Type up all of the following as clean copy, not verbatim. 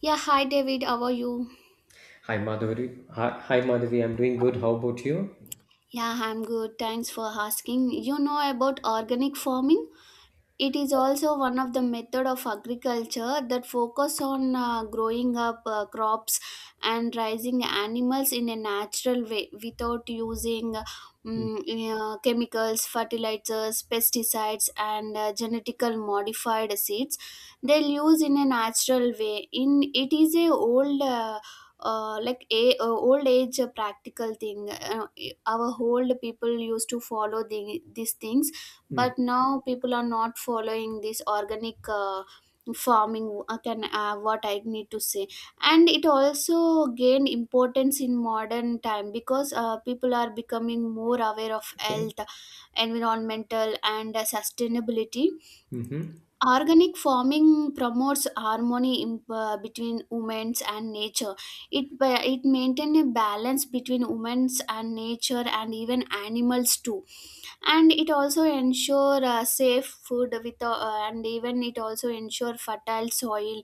Yeah, hi David, how are you? Hi Madhuri. Hi Madhavi. I'm doing good. How about you? Yeah, I'm good. Thanks for asking. You know about organic farming? It is also one of the method of agriculture that focus on growing up crops and raising animals in a natural way without using mm, chemicals, fertilizers, pesticides, and genetically modified seeds. They'll use in a natural way. In it is a old. Like a old age practical thing. Our old people used to follow these things, Mm-hmm. but now people are not following this organic farming. Can what I need to say, and it also gained importance in modern time because people are becoming more aware of Okay. health, environmental, and sustainability. Mm-hmm. Organic farming promotes harmony between humans and nature. It maintains a balance between humans and nature, and even animals too. And it also ensure safe food with and even it also ensure fertile soil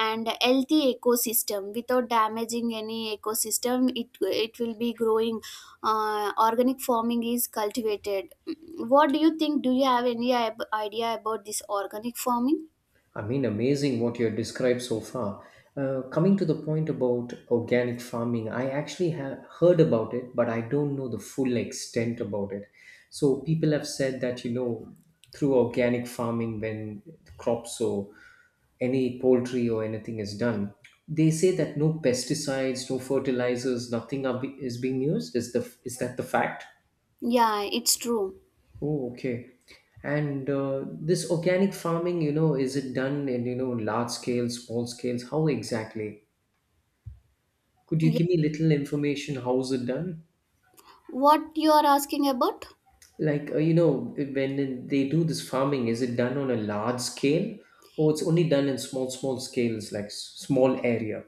and healthy ecosystem without damaging any ecosystem. It will be growing. Organic farming is cultivated. What do you think? Do you have any idea about this organic farming? I mean, amazing what you have described so far. Coming to the point about organic farming, I actually have heard about it, but I don't know the full extent about it. So people have said that, you know, through organic farming, when crops or any poultry or anything is done, they say that no pesticides, no fertilizers, nothing is being used. Is that the fact? Yeah, it's true. Oh, okay. And this organic farming, you know, is it done in, you know, large scales, small scales? How exactly? Could you Yeah. give me little information? How is it done? What you are asking about? Like, you know, when they do this farming, is it done on a large scale or it's only done in small, small scales, like small area?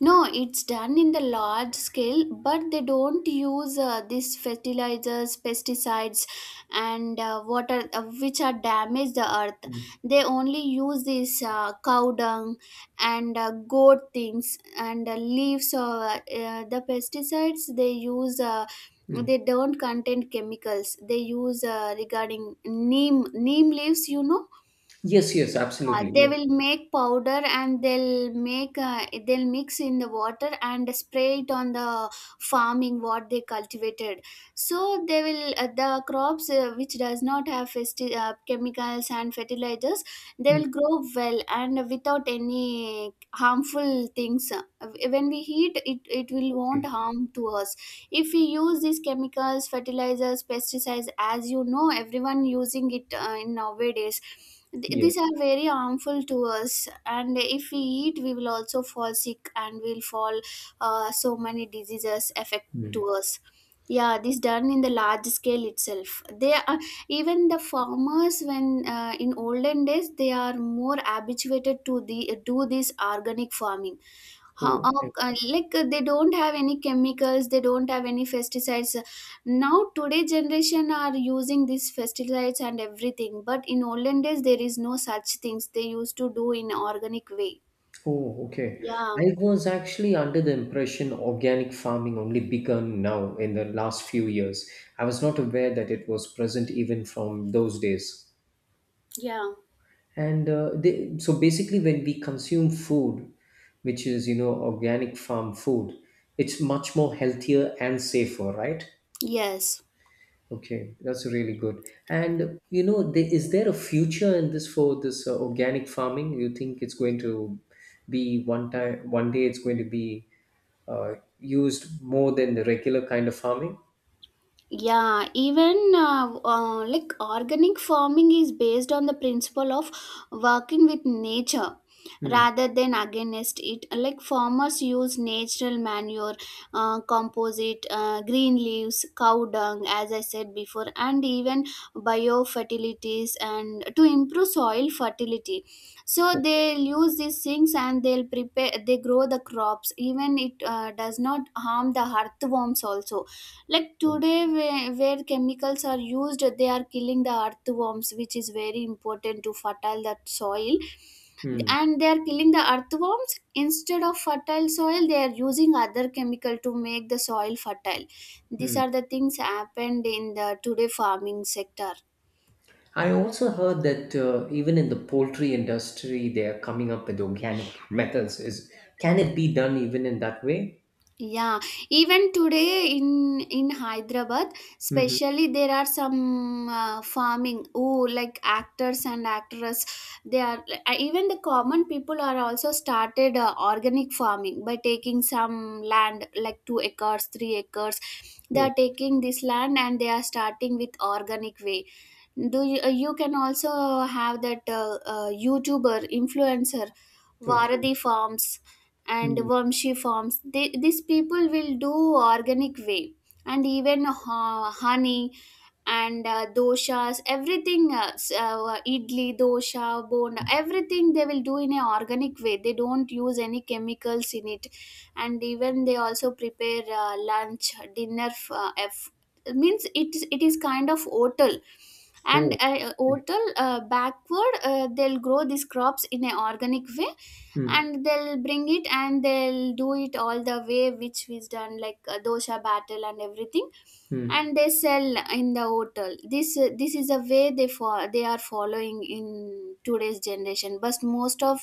No, it's done in the large scale, but they don't use these fertilizers, pesticides, and water, which are damage the earth. Mm, They only use this cow dung and goat things and leaves of the pesticides. They use. Mm. They don't contain chemicals. They use, regarding neem leaves. You know, Yes, yes, absolutely. they Yes. will make powder and they'll mix in the water and spray it on the farming what they cultivated. So they will, the crops, which does not have chemicals and fertilizers, they Mm, will grow well and without any harmful things. Uh, when we eat it will won't okay. harm to us. If we use these chemicals, fertilizers, pesticides, as you know, everyone using it in nowadays, these Yes. are very harmful to us, and if we eat, we will also fall sick, and we'll fall so many diseases affect Mm. to us. Yeah, this done in the large scale itself. They are, even the farmers, when in olden days, they are more habituated to the do this organic farming. how, Oh, how okay. Like, they don't have any chemicals, they don't have any pesticides. Now today generation are using these pesticides and everything, but in olden days there is no such things. They used to do in organic way. Oh, okay. Yeah. I was actually under the impression organic farming only begun now in the last few years. I was not aware that it was present even from those days. Yeah. And so basically, when we consume food, which is, you know, organic farm food, it's much more healthier and safer, right? Yes. Okay, that's really good. And you know, is there a future in this for this organic farming? You think it's going to be one time, one day it's going to be uh, used more than the regular kind of farming? Yeah, even like organic farming is based on the principle of working with nature Hmm. rather than against it, like farmers use natural manure, composite, green leaves, cow dung, as I said before, and even biofertilities, and to improve soil fertility. So Okay. they'll use these things and they'll prepare, they grow the crops, even it does not harm the earthworms also, like today, where chemicals are used, they are killing the earthworms, which is very important to fertile that soil. Hmm. And they are killing the earthworms instead of fertile soil. They are using other chemical to make the soil fertile. These Hmm. are the things happened in the today farming sector. I also heard that even in the poultry industry, they are coming up with organic methods. Is Can it be done even in that way? Yeah, even today in Hyderabad Hmm. especially, there are some farming who like actors and actresses. They are, even the common people are also started organic farming by taking some land, like 2 acres, 3 acres. They Oh, are taking this land and they are starting with organic way. You can also have that youtuber influencer okay. Varadi Farms and Hmm. Vamshi Farms. These people will do organic way, and even honey and doshas, everything, idli, dosha, bonda, everything they will do in a organic way. They don't use any chemicals in it. And even they also prepare lunch, dinner, means, it is kind of hotel. And Oh, okay. hotel backward, they'll grow these crops in an organic way, Hmm. and they'll bring it and they'll do it all the way which was done, like dosha, battle, and everything, Hmm. and they sell in the hotel. This is a way they, for they are following in today's generation, but most of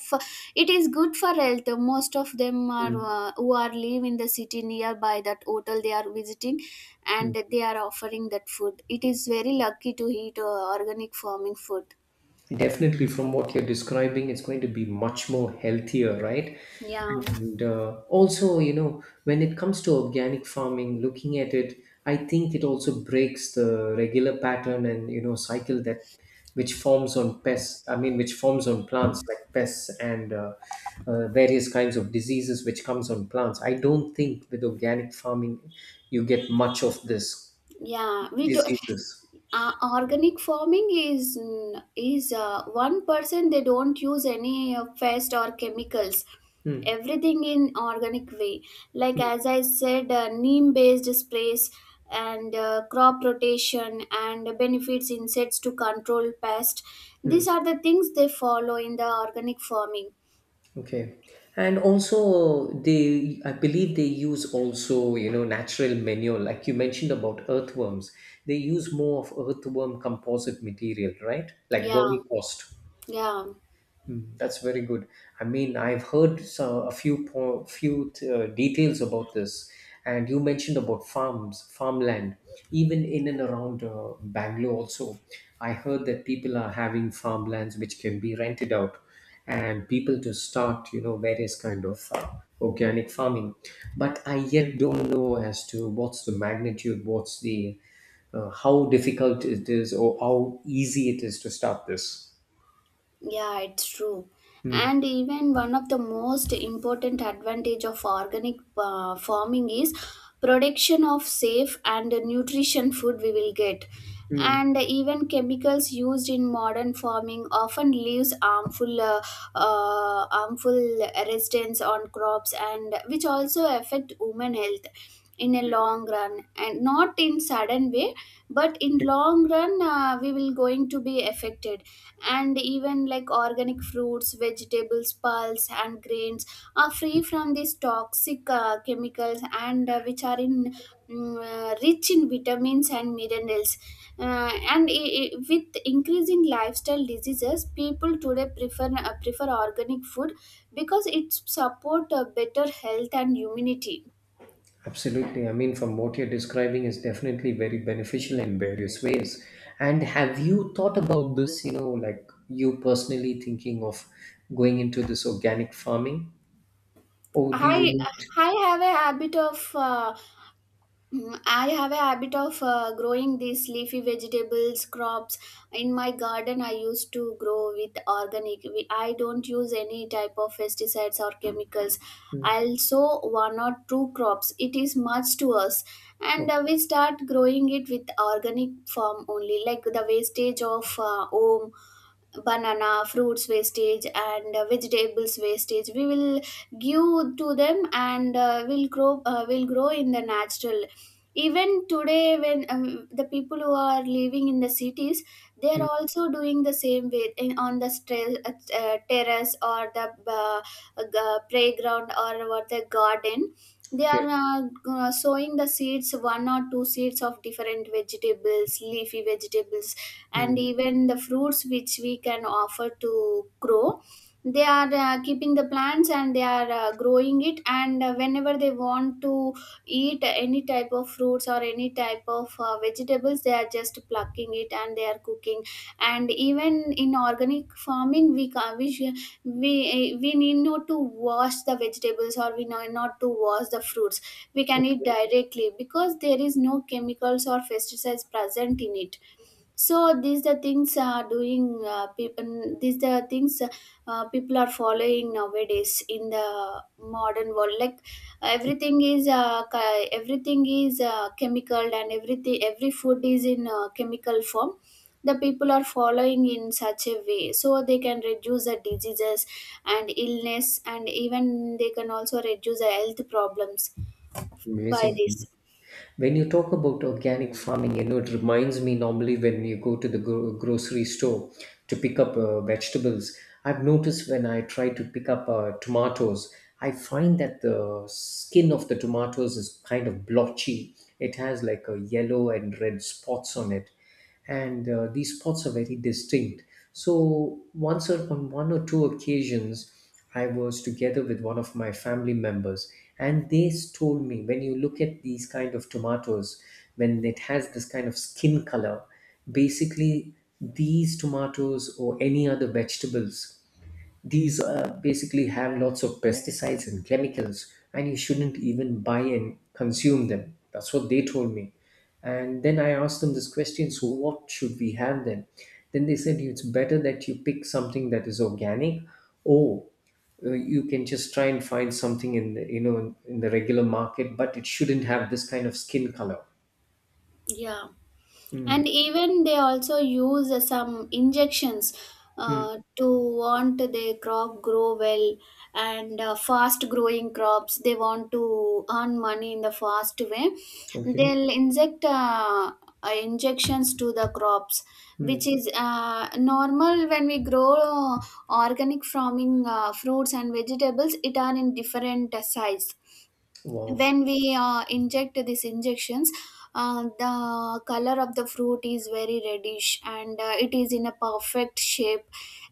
it is good for health. Most of them are Hmm. Who are live in the city nearby that hotel, they are visiting, Hmm. and they are offering that food. It is very lucky to eat organic farming food. Definitely, from what you're describing, it's going to be much more healthier, right? Yeah. And also, you know, when it comes to organic farming, looking at it, I think it also breaks the regular pattern and, you know, cycle that which forms on pests. I mean, which forms on plants like pests and various kinds of diseases which comes on plants. I don't think with organic farming you get much of this Yeah, we do. diseases. Organic farming is, one person, they don't use any pest or chemicals, Hmm. everything in organic way, like as I said, neem based sprays and crop rotation and benefits insects to control pest. Hmm. These are the things they follow in the organic farming. Okay. And also, they, I believe they use also, you know, natural manure. Like you mentioned about earthworms. They use more of earthworm composite material, right? Like Yeah. vermicost. Yeah. Mm. That's very good. I mean, I've heard so, a few po few details about this, and you mentioned about farms, farmland, even in and around Bangalore also. I heard that people are having farmlands which can be rented out, and people to start, you know, various kind of organic farming. But I yet don't know as to what's the magnitude, what's the how difficult it is, or how easy it is to start this. Yeah, it's true. Mm. And even one of the most important advantage of organic farming is production of safe and nutrition food, we will get. Mm. And even chemicals used in modern farming often leaves harmful residents on crops, and which also affect women health in a long run and not in sudden way, but in long run we will going to be affected. And even like organic fruits, vegetables, pulse, and grains are free from these toxic chemicals, and which are rich in vitamins and minerals. And with increasing lifestyle diseases, people today prefer, prefer organic food, because it support better health and immunity. Absolutely. I mean, from what you're describing is definitely very beneficial in various ways. And have you thought about this, you know, like you personally thinking of going into this organic farming? Or do you I need? I have a habit of uh, I have a habit of growing these leafy vegetables crops in my garden. I used to grow with organic. I don't use any type of pesticides or chemicals. Mm, I'll sow one or two crops. It is much to us, and o- we start growing it with organic form only, like the wastage of home, banana fruits wastage and vegetables wastage, we will give to them, and will grow, will grow in the natural. Even today, when the people who are living in the cities, they are mm, also doing the same way on the terrace or the playground or what the garden. They are Okay. Sowing the seeds, one or two seeds of different vegetables, leafy vegetables, and Mm, even the fruits which we can offer to grow. They are keeping the plants and they are growing it, and whenever they want to eat any type of fruits or any type of vegetables, they are just plucking it and they are cooking. And even in organic farming, we ca- we sh- we, eh, we need not to wash the vegetables, or we know not to wash the fruits. We can eat okay. directly because there is no chemicals or pesticides present in it. So these the things are doing, people, these the things, people are following nowadays in the modern world, like everything is everything is chemical, and everything, every food is in chemical form. The people are following in such a way so they can reduce the diseases and illness, and even they can also reduce the health problems by Amazing. this. When you talk about organic farming, you know, it reminds me normally when you go to the grocery store to pick up vegetables. I've noticed when I try to pick up tomatoes, I find that the skin of the tomatoes is kind of blotchy. It has like a yellow and red spots on it, and these spots are very distinct. So once or on one or two occasions, I was together with one of my family members, and they told me when you look at these kind of tomatoes, when it has this kind of skin color, basically these tomatoes or any other vegetables, these basically have lots of pesticides and chemicals, and you shouldn't even buy and consume them. That's what they told me. And then I asked them this question: so, what should we have then? Then they said it's better that you pick something that is organic, or you can just try and find something in you know, in the regular market, but it shouldn't have this kind of skin color. Yeah. And Mm, even they also use some injections mm, to want their crop grow well, and fast growing crops, they want to earn money in the fast way. okay. They'll inject injections to the crops, which Mm, is normal. When we grow organic farming fruits and vegetables, it are in different size. wow. When we inject these injections, the color of the fruit is very reddish and it is in a perfect shape.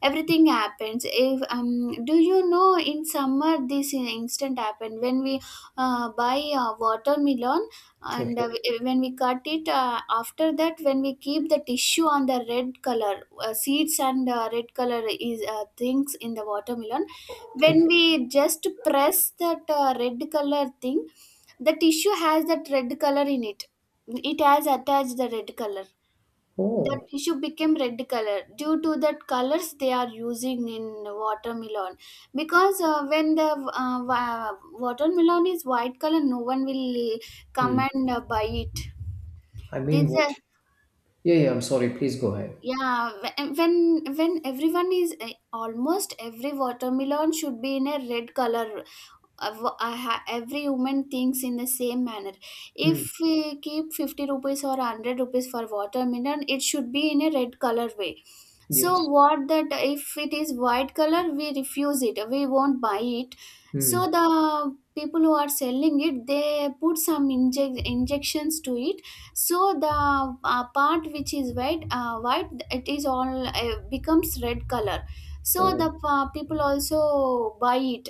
Everything happens if, do you know, in summer this instant happened when we buy watermelon, and Okay. when we cut it, after that, when we keep the tissue on the red color seeds, and red color is, things in the watermelon, Okay. when we just press that red color thing, the tissue has that red color in it has attached the red color, the Oh. tissue became red color due to that colors they are using in watermelon. Because when the watermelon is white color, no one will come Mm. and buy it. I This. mean, what. Are. Yeah, yeah, I'm sorry. Please go ahead. Yeah, when everyone almost every watermelon should be in a red color. Every human thinks in the same manner. Mm. If we keep 50 rupees or 100 rupees for watermelon, it should be in a red color way. So Yes. what that if it is white color, we refuse it. We won't buy it. So Mm. the people who are selling it, they put some injections to it so the part which is white, white it is all becomes red color. So Oh. the people also buy it.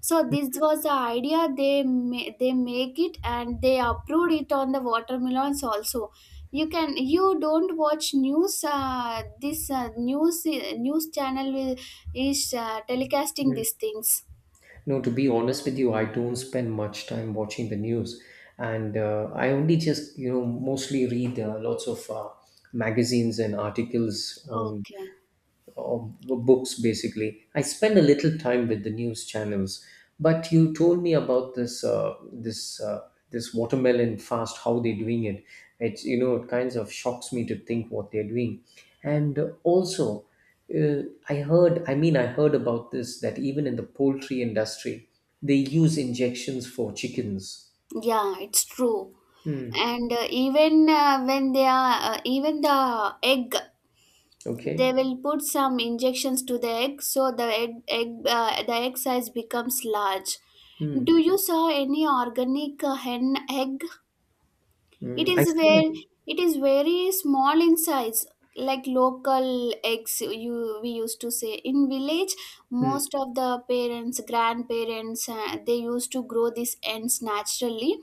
So this was the idea they they make it and they approved it on the watermelons also. You can you don't watch news. This news channel will, is telecasting Mm. these things. No, to be honest with you, I don't spend much time watching the news, and I only just, you know, mostly read lots of magazines and articles on Okay. or books basically. I spend a little time with the news channels, but you told me about this this watermelon fast, how they're doing it. It's, you know, it kinds of shocks me to think what they're doing, and also. Uh, I heard, I mean, I heard about this that even in the poultry industry, they use injections for chickens. Yeah, it's true. Hmm. And even when they are, even the egg, they Okay. will put some injections to the egg so the egg size becomes large. Do Hmm. you saw any organic hen egg? Hmm. It I is see. where it is very small in size, like local eggs you we used to say. In village, Hmm. most of the parents, grandparents, they used to grow these ends naturally.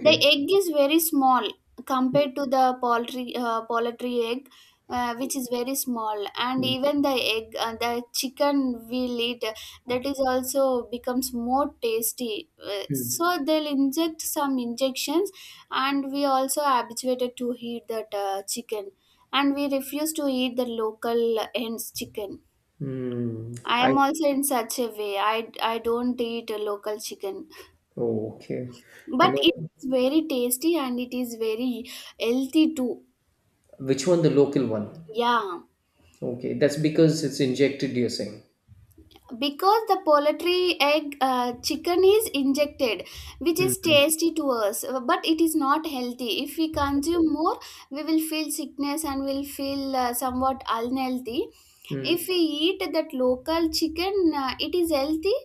The egg is very small compared to the poultry egg, which is very small. And Hmm. even the egg, the chicken we'll eat, that is also becomes more tasty. Hmm. So they'll inject some injections, and we also habituated to eat that chicken, and we refuse to eat the local hens chicken. Hmm. I I am also in such a way. I don't eat local chicken. Oh, okay. You But it know, is very tasty and it is very healthy too. which one? The local one. Yeah. Okay, that's because it's injected, you're saying. Because the poultry egg chicken is injected, which is Mm. tasty to us, but it is not healthy. If we consume more, we will feel sickness and will feel somewhat unhealthy. If we eat that local chicken, it is healthy,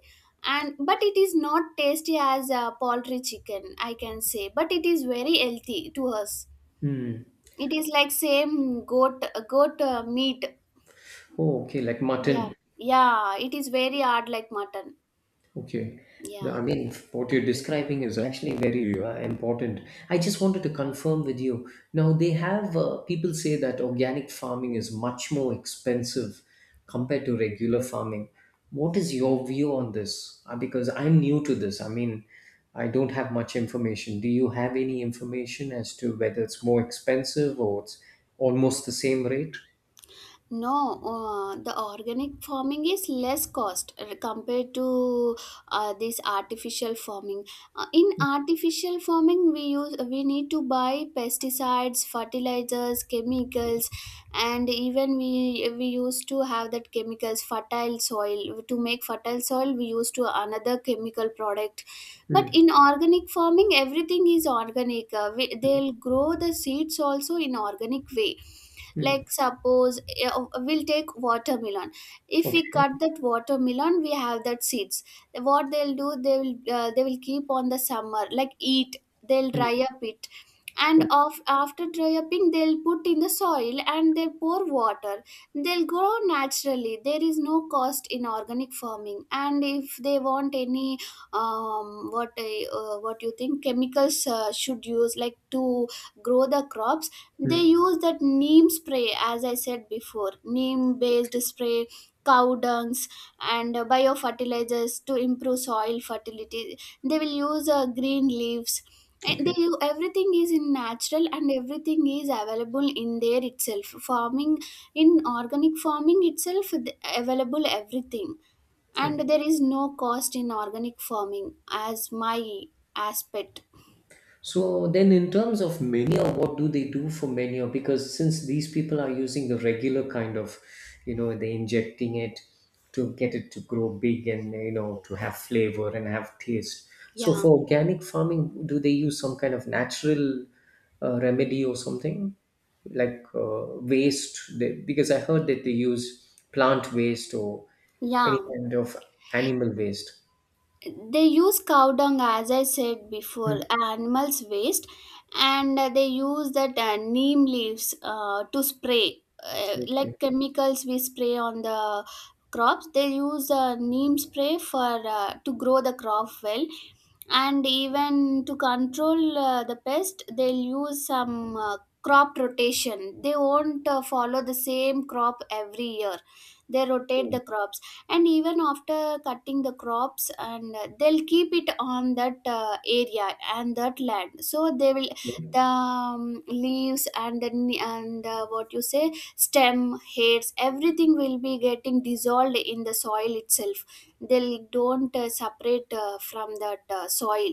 and but it is not tasty as poultry chicken, I can say. But it is very healthy to us. Mm. It is like same goat meat. Oh, okay, like Yeah, mutton. yeah. It is very hard like mutton. Okay. No, Yeah. I mean, what you're describing is actually very important. I just wanted to confirm with you. Now, they have people say that organic farming is much more expensive compared to regular farming. What is your view on this? Because I'm new to this. I mean, I don't have much information. Do you have any information as to whether it's more expensive or it's almost the same rate? No, the organic farming is less cost compared to this artificial farming. In artificial farming, we need to buy pesticides, fertilizers, chemicals, and even we used to have that chemicals fertile soil to make fertile soil. We used to another chemical product, but Mm, in organic farming, everything is organic. They'll grow the seeds also in organic way, mm. like suppose we'll take watermelon. If we Okay. cut that watermelon, we have that seeds. What they'll do, they will keep on the summer like eat, they'll Mm, dry mm. up it, and Okay. After dry upping they'll put in the soil and they pour water. They'll grow naturally. There is no cost in organic farming. And if they want any, what you think chemicals should use like to grow the crops, they Hmm. use that neem spray, as I said before, neem based spray, cow dungs, and biofertilizers to improve soil fertility. They will use green leaves, and Okay. Everything is in natural and everything is available in there itself farming, in organic farming itself available everything. Okay. And there is no cost in organic farming, as my aspect. So then, in terms of menu, what do they do for menu? Because since these people are using the regular kind of, you know, they're injecting it to get it to grow big and, you know, to have flavor and have taste. So Yeah, for organic farming, do they use some kind of natural remedy or something like waste? They, because I heard that they use plant waste or yeah, any kind of animal waste. they use cow dung, as I said before, Hmm. animals waste, and they use that neem leaves to spray, like Okay. chemicals we spray on the crops. They use neem spray for to grow the crop well. And even to control the pest, they'll use some crop rotation. They won't follow the same crop every year. They rotate the Oh, crops. And even after cutting the crops and they'll keep it on that area and that land, so they will the okay. Leaves and what you say stem hairs, everything will be getting dissolved in the soil itself. They don't separate from that soil.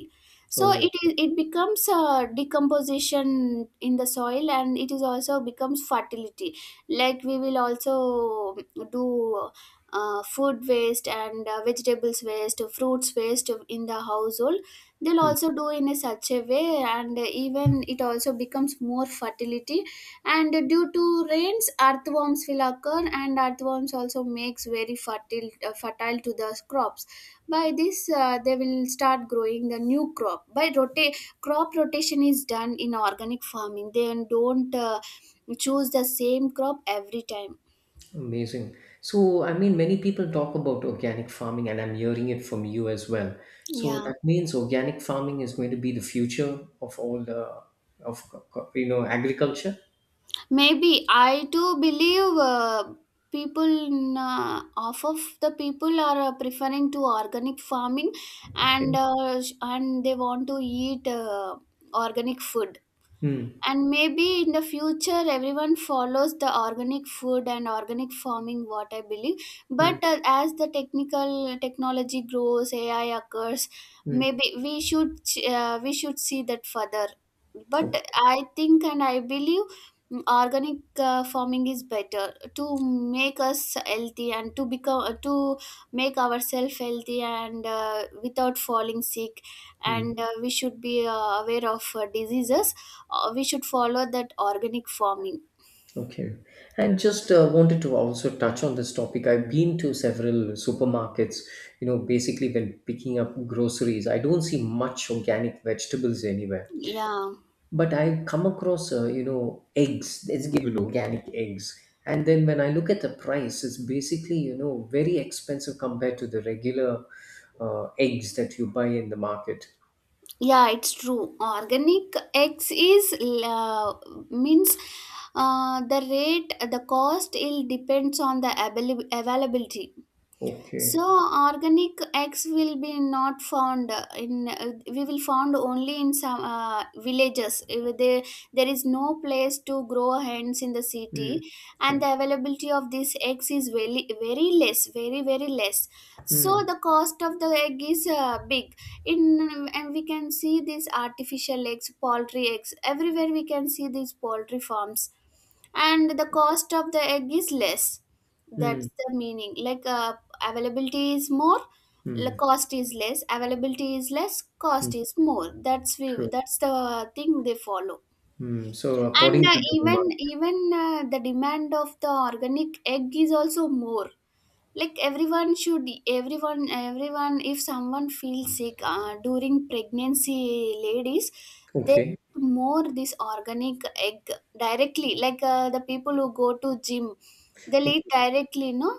So it Oh. Okay. is it becomes a decomposition in the soil, and it is also becomes fertility. Like we will also do food waste and vegetables waste, fruits waste in the household. They'll Hmm. also do in a such a way, and even it also becomes more fertility. And due to rains, earthworms will occur, and earthworms also makes very fertile, fertile to the crops. By this they will start growing the new crop by crop rotation. Is done in organic farming. They don't choose the same crop every time. Amazing. So, I mean, many people talk about organic farming, and I'm hearing it from you as well. So Yeah. that means organic farming is going to be the future of all the of, you know, agriculture. Maybe I too believe, people in, half of the people are preferring to organic farming, and Okay. And they want to eat organic food. Hmm. And maybe in the future everyone follows the organic food and organic farming, what I believe. Hmm. But as the technical technology grows, AI occurs, Hmm. maybe we should see that further. But Okay. I think and I believe, mm, organic farming is better to make us healthy and to become to make ourselves healthy and without falling sick. Hmm. And we should be aware of diseases. We should follow that organic farming. Okay. And just wanted to also touch on this topic. I've been to several supermarkets. You know, basically when picking up groceries, I don't see much organic vegetables anywhere, Yeah, but I come across, you know, eggs. It's given organic eggs, and then when I look at the price, it's basically, you know, very expensive compared to the regular eggs that you buy in the market. yeah, it's true. Organic eggs is, uh, means, the rate, the cost will depends on the availability. So Okay. organic eggs will be not found in we will found only in some villages. If There, there is no place to grow hens in the city, Mm. and Okay. the availability of these eggs is very very less, very very less. So Mm. the cost of the egg is big. In and we can see these artificial eggs, poultry eggs everywhere. We can see these poultry farms, and the cost of the egg is less, that's Mm. the meaning. Like availability is more, the Mm. cost is less. Availability is less, cost Mm. is more. That's we. True. That's the thing they follow. Mm. So And according to the even demand. even the demand of the organic egg is also more. Like everyone should everyone Everyone, if someone feels sick during pregnancy, ladies, they Okay. eat more this organic egg directly. Like the people who go to gym, they'll eat Okay. directly. No,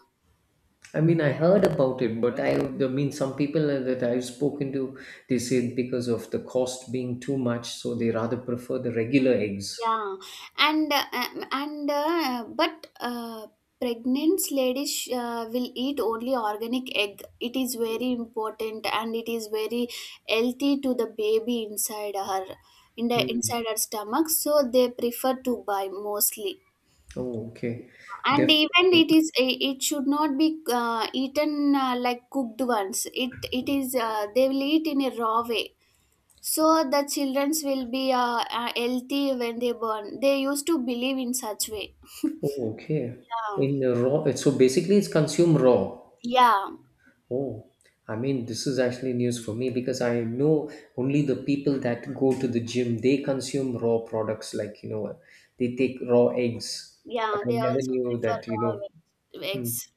I mean, I heard about it, but I mean, some people that I've spoken to, they say because of the cost being too much, so they rather prefer the regular eggs. yeah, and but pregnant ladies will eat only organic egg. It is very important and it is very healthy to the baby inside her, in the Hmm. inside her stomach. So they prefer to buy mostly. Oh, okay. And even Definitely. It should not be eaten like cooked ones. It is they will eat in a raw way. So the childrens will be healthy when they born. They used to believe in such way. Oh, okay. Yeah, In a raw, so basically it's consumed raw. yeah, Oh, I mean, this is actually news for me because I know only the people that go to the gym, they consume raw products like, you know, they take raw eggs. But yeah. I They never also knew prefer that, you raw know, veg. hmm. Vegs.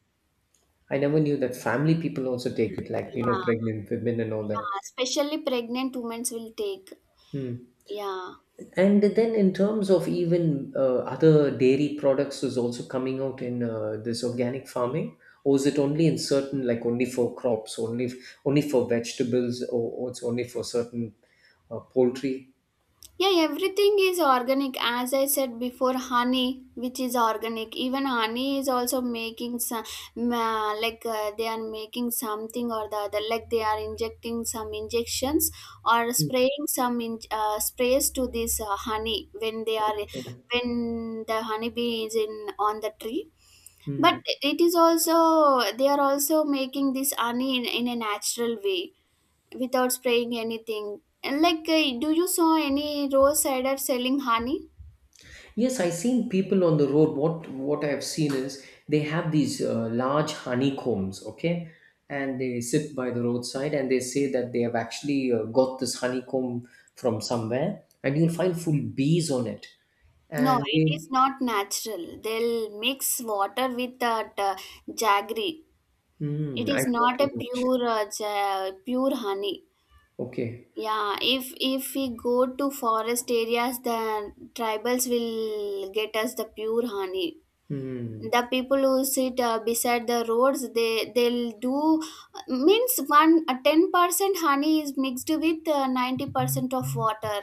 I never knew that family people also take it, like, you know, Yeah, pregnant women and all that. yeah. Especially pregnant women will take. Hmm. Yeah. And then, in terms of even other dairy products, is also coming out in this organic farming, or is it only in certain, like only for crops, only for vegetables, or it's only for certain poultry? Yeah, everything is organic. As I said before, honey, which is organic. Even honey is also making some, ma like they are making something or the other. Like they are injecting some injections or spraying some sprays to this honey when they are, when the honeybee is in on the tree. But Mm. it is also, they are also making this honey in a natural way without spraying anything. And like, do you saw any rose cider selling honey? Yes, I've seen people on the road. What I've seen is they have these large honeycombs, okay, and they sit by the roadside and they say that they have actually got this honeycomb from somewhere, and you'll find full bees on it. No, And it they, is not natural. They'll mix water with that jaggery. It mm, I is thought not too a much. pure pure honey. Okay. Yeah, if we go to forest areas, the tribals will get us the pure honey. Hmm. The people who sit beside the roads, they'll do means one 10% honey is mixed with 90% of water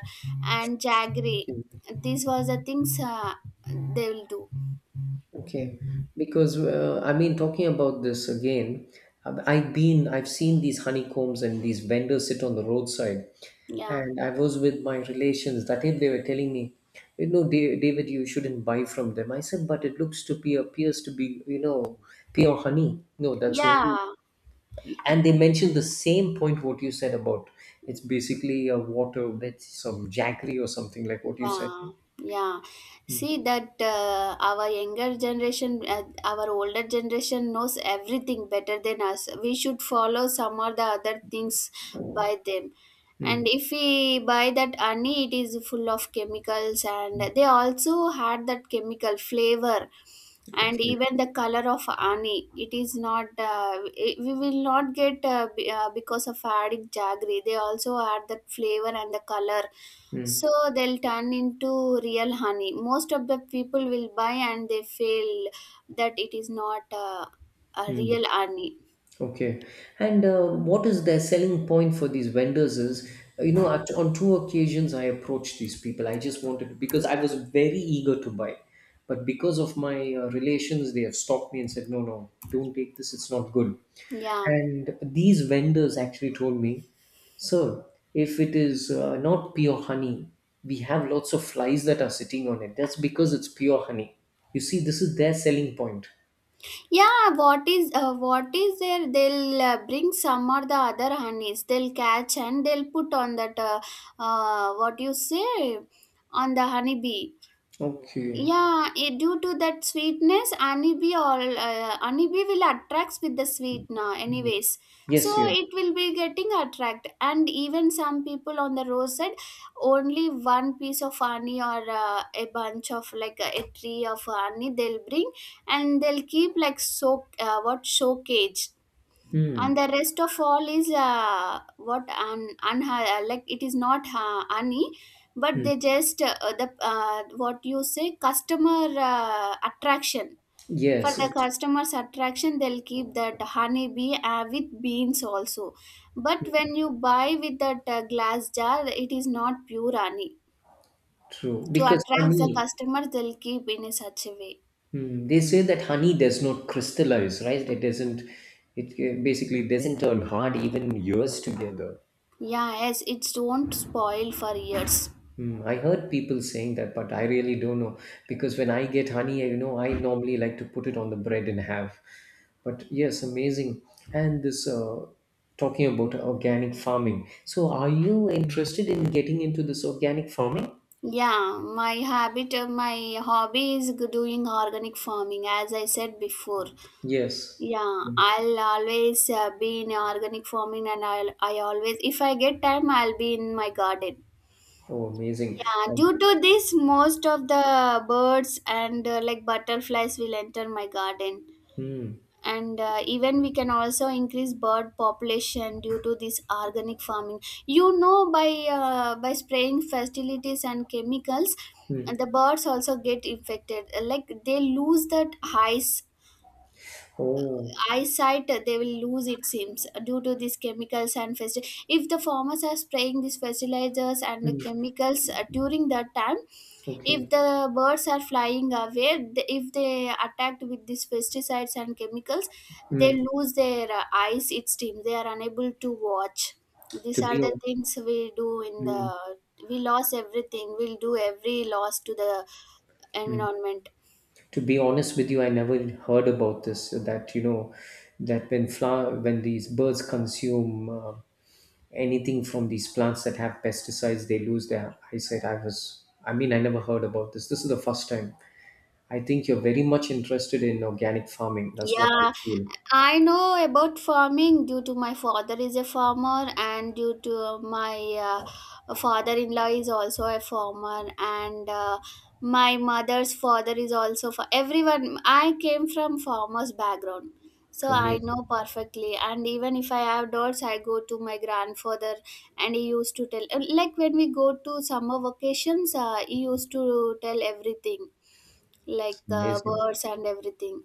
and jaggery. Okay. These was the things they will do. Okay. Because I mean, talking about this again, I've seen these honeycombs and these vendors sit on the roadside. Yeah, And I was with my relations. That if they were telling me, you know, David, you shouldn't buy from them. I said, but it looks to be, appears to be, you know, pure honey. No, that's only. yeah, And they mentioned the same point what you said about it's basically a water with some jaggery or something like what you said. yeah, yeah. Mm. See that our older generation knows everything better than us. We should follow some or the other things by them. Mm. And if we buy that honey, it is full of chemicals, and they also had that chemical flavor. And Okay. even the color of honey, it is not we will not get, because of adding jaggery they also add that flavor and the color. Mm. So they'll turn into real honey. Most of the people will buy, and they feel that it is not a Mm. real honey. Okay, and what is their selling point for these vendors is, you know, at, on two occasions I approached these people. I just wanted to, because I was very eager to buy, but because of my relations, they have stopped me and said, no, no, don't take this, it's not good. Yeah, And these vendors actually told me, sir, if it is not pure honey, we have lots of flies that are sitting on it. That's because it's pure honey. You see, this is their selling point. yeah. What is what is there, they'll bring some or the other honeys, they'll catch and they'll put on that what you say on the honeybee. Okay. Yeah, it, due to that sweetness honeybee or honeybee will attracts with the sweet now anyways. So Yes, yes. it will be getting attract. And even some people on the roadside, only one piece of honey or a bunch of like a tree of honey they'll bring, and they'll keep like so what showcase, and Hmm. the rest of all is like it is not honey. But Hmm. they just the what you say customer attraction. For Yes, the it's customers attraction, they'll keep that honey bee with beans also. But when you buy with that glass jar, it is not pure honey. true. To Because attract the honey, customers, they'll keep in a such a way. hmm, they say that honey does not crystallize, right? It doesn't, it basically doesn't turn hard even years together. Yeah, yes, it won't spoil for years. Hmm, I heard people saying that, but I really don't know. Because when I get honey, you know, I normally like to put it on the bread and have. But yes, amazing. And this, talking about organic farming. So are you interested in getting into this organic farming? Yeah, my habit, my hobby is doing organic farming, as I said before. Yes. Yeah, I'll always be in organic farming, and I always, if I get time, I'll be in my garden. Oh, amazing. Yeah, Um, due to this, most of the birds and like butterflies will enter my garden, hmm. and even we can also increase bird population due to this organic farming. You know, by spraying fertilities and chemicals, Mm. the birds also get infected, like they lose that highs, Oh, eyesight they will lose, it seems, due to these chemicals and if the farmers are spraying these fertilizers and the mm. chemicals during that time, if Okay. the birds are flying away, if they attacked with these pesticides and chemicals, they Mm. lose their eyes, it seems, they are unable to watch. These To are be the hon- things we do in mm. the, we lost everything, we'll do every loss to the Mm. environment. To be honest with you, I never heard about this. That, you know, that when when these birds consume anything from these plants that have pesticides, they lose their eyesight. I was, I mean, I never heard about this. This is the first time. I think you're very much interested in organic farming. That's what I Yeah, feel. I know about farming due to my father is a farmer, and due to my father-in-law is also a farmer, and my mother's father is also, for everyone, I came from farmer's background. So I Amazing, know perfectly, and even if I have doubts, I go to my grandfather, and he used to tell like when we go to summer vacations he used to tell everything, like amazing. birds and everything.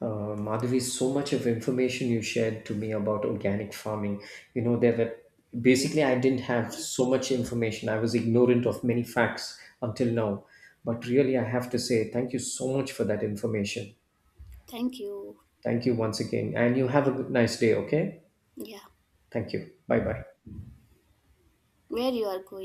Madhavi, so much of information you shared to me about organic farming. You know, there were basically I didn't have so much information. I was ignorant of many facts until now. But really, I have to say thank you so much for that information. Thank you. Thank you once again. And you have a nice day, okay? Yeah, Thank you. Bye bye. where you are going.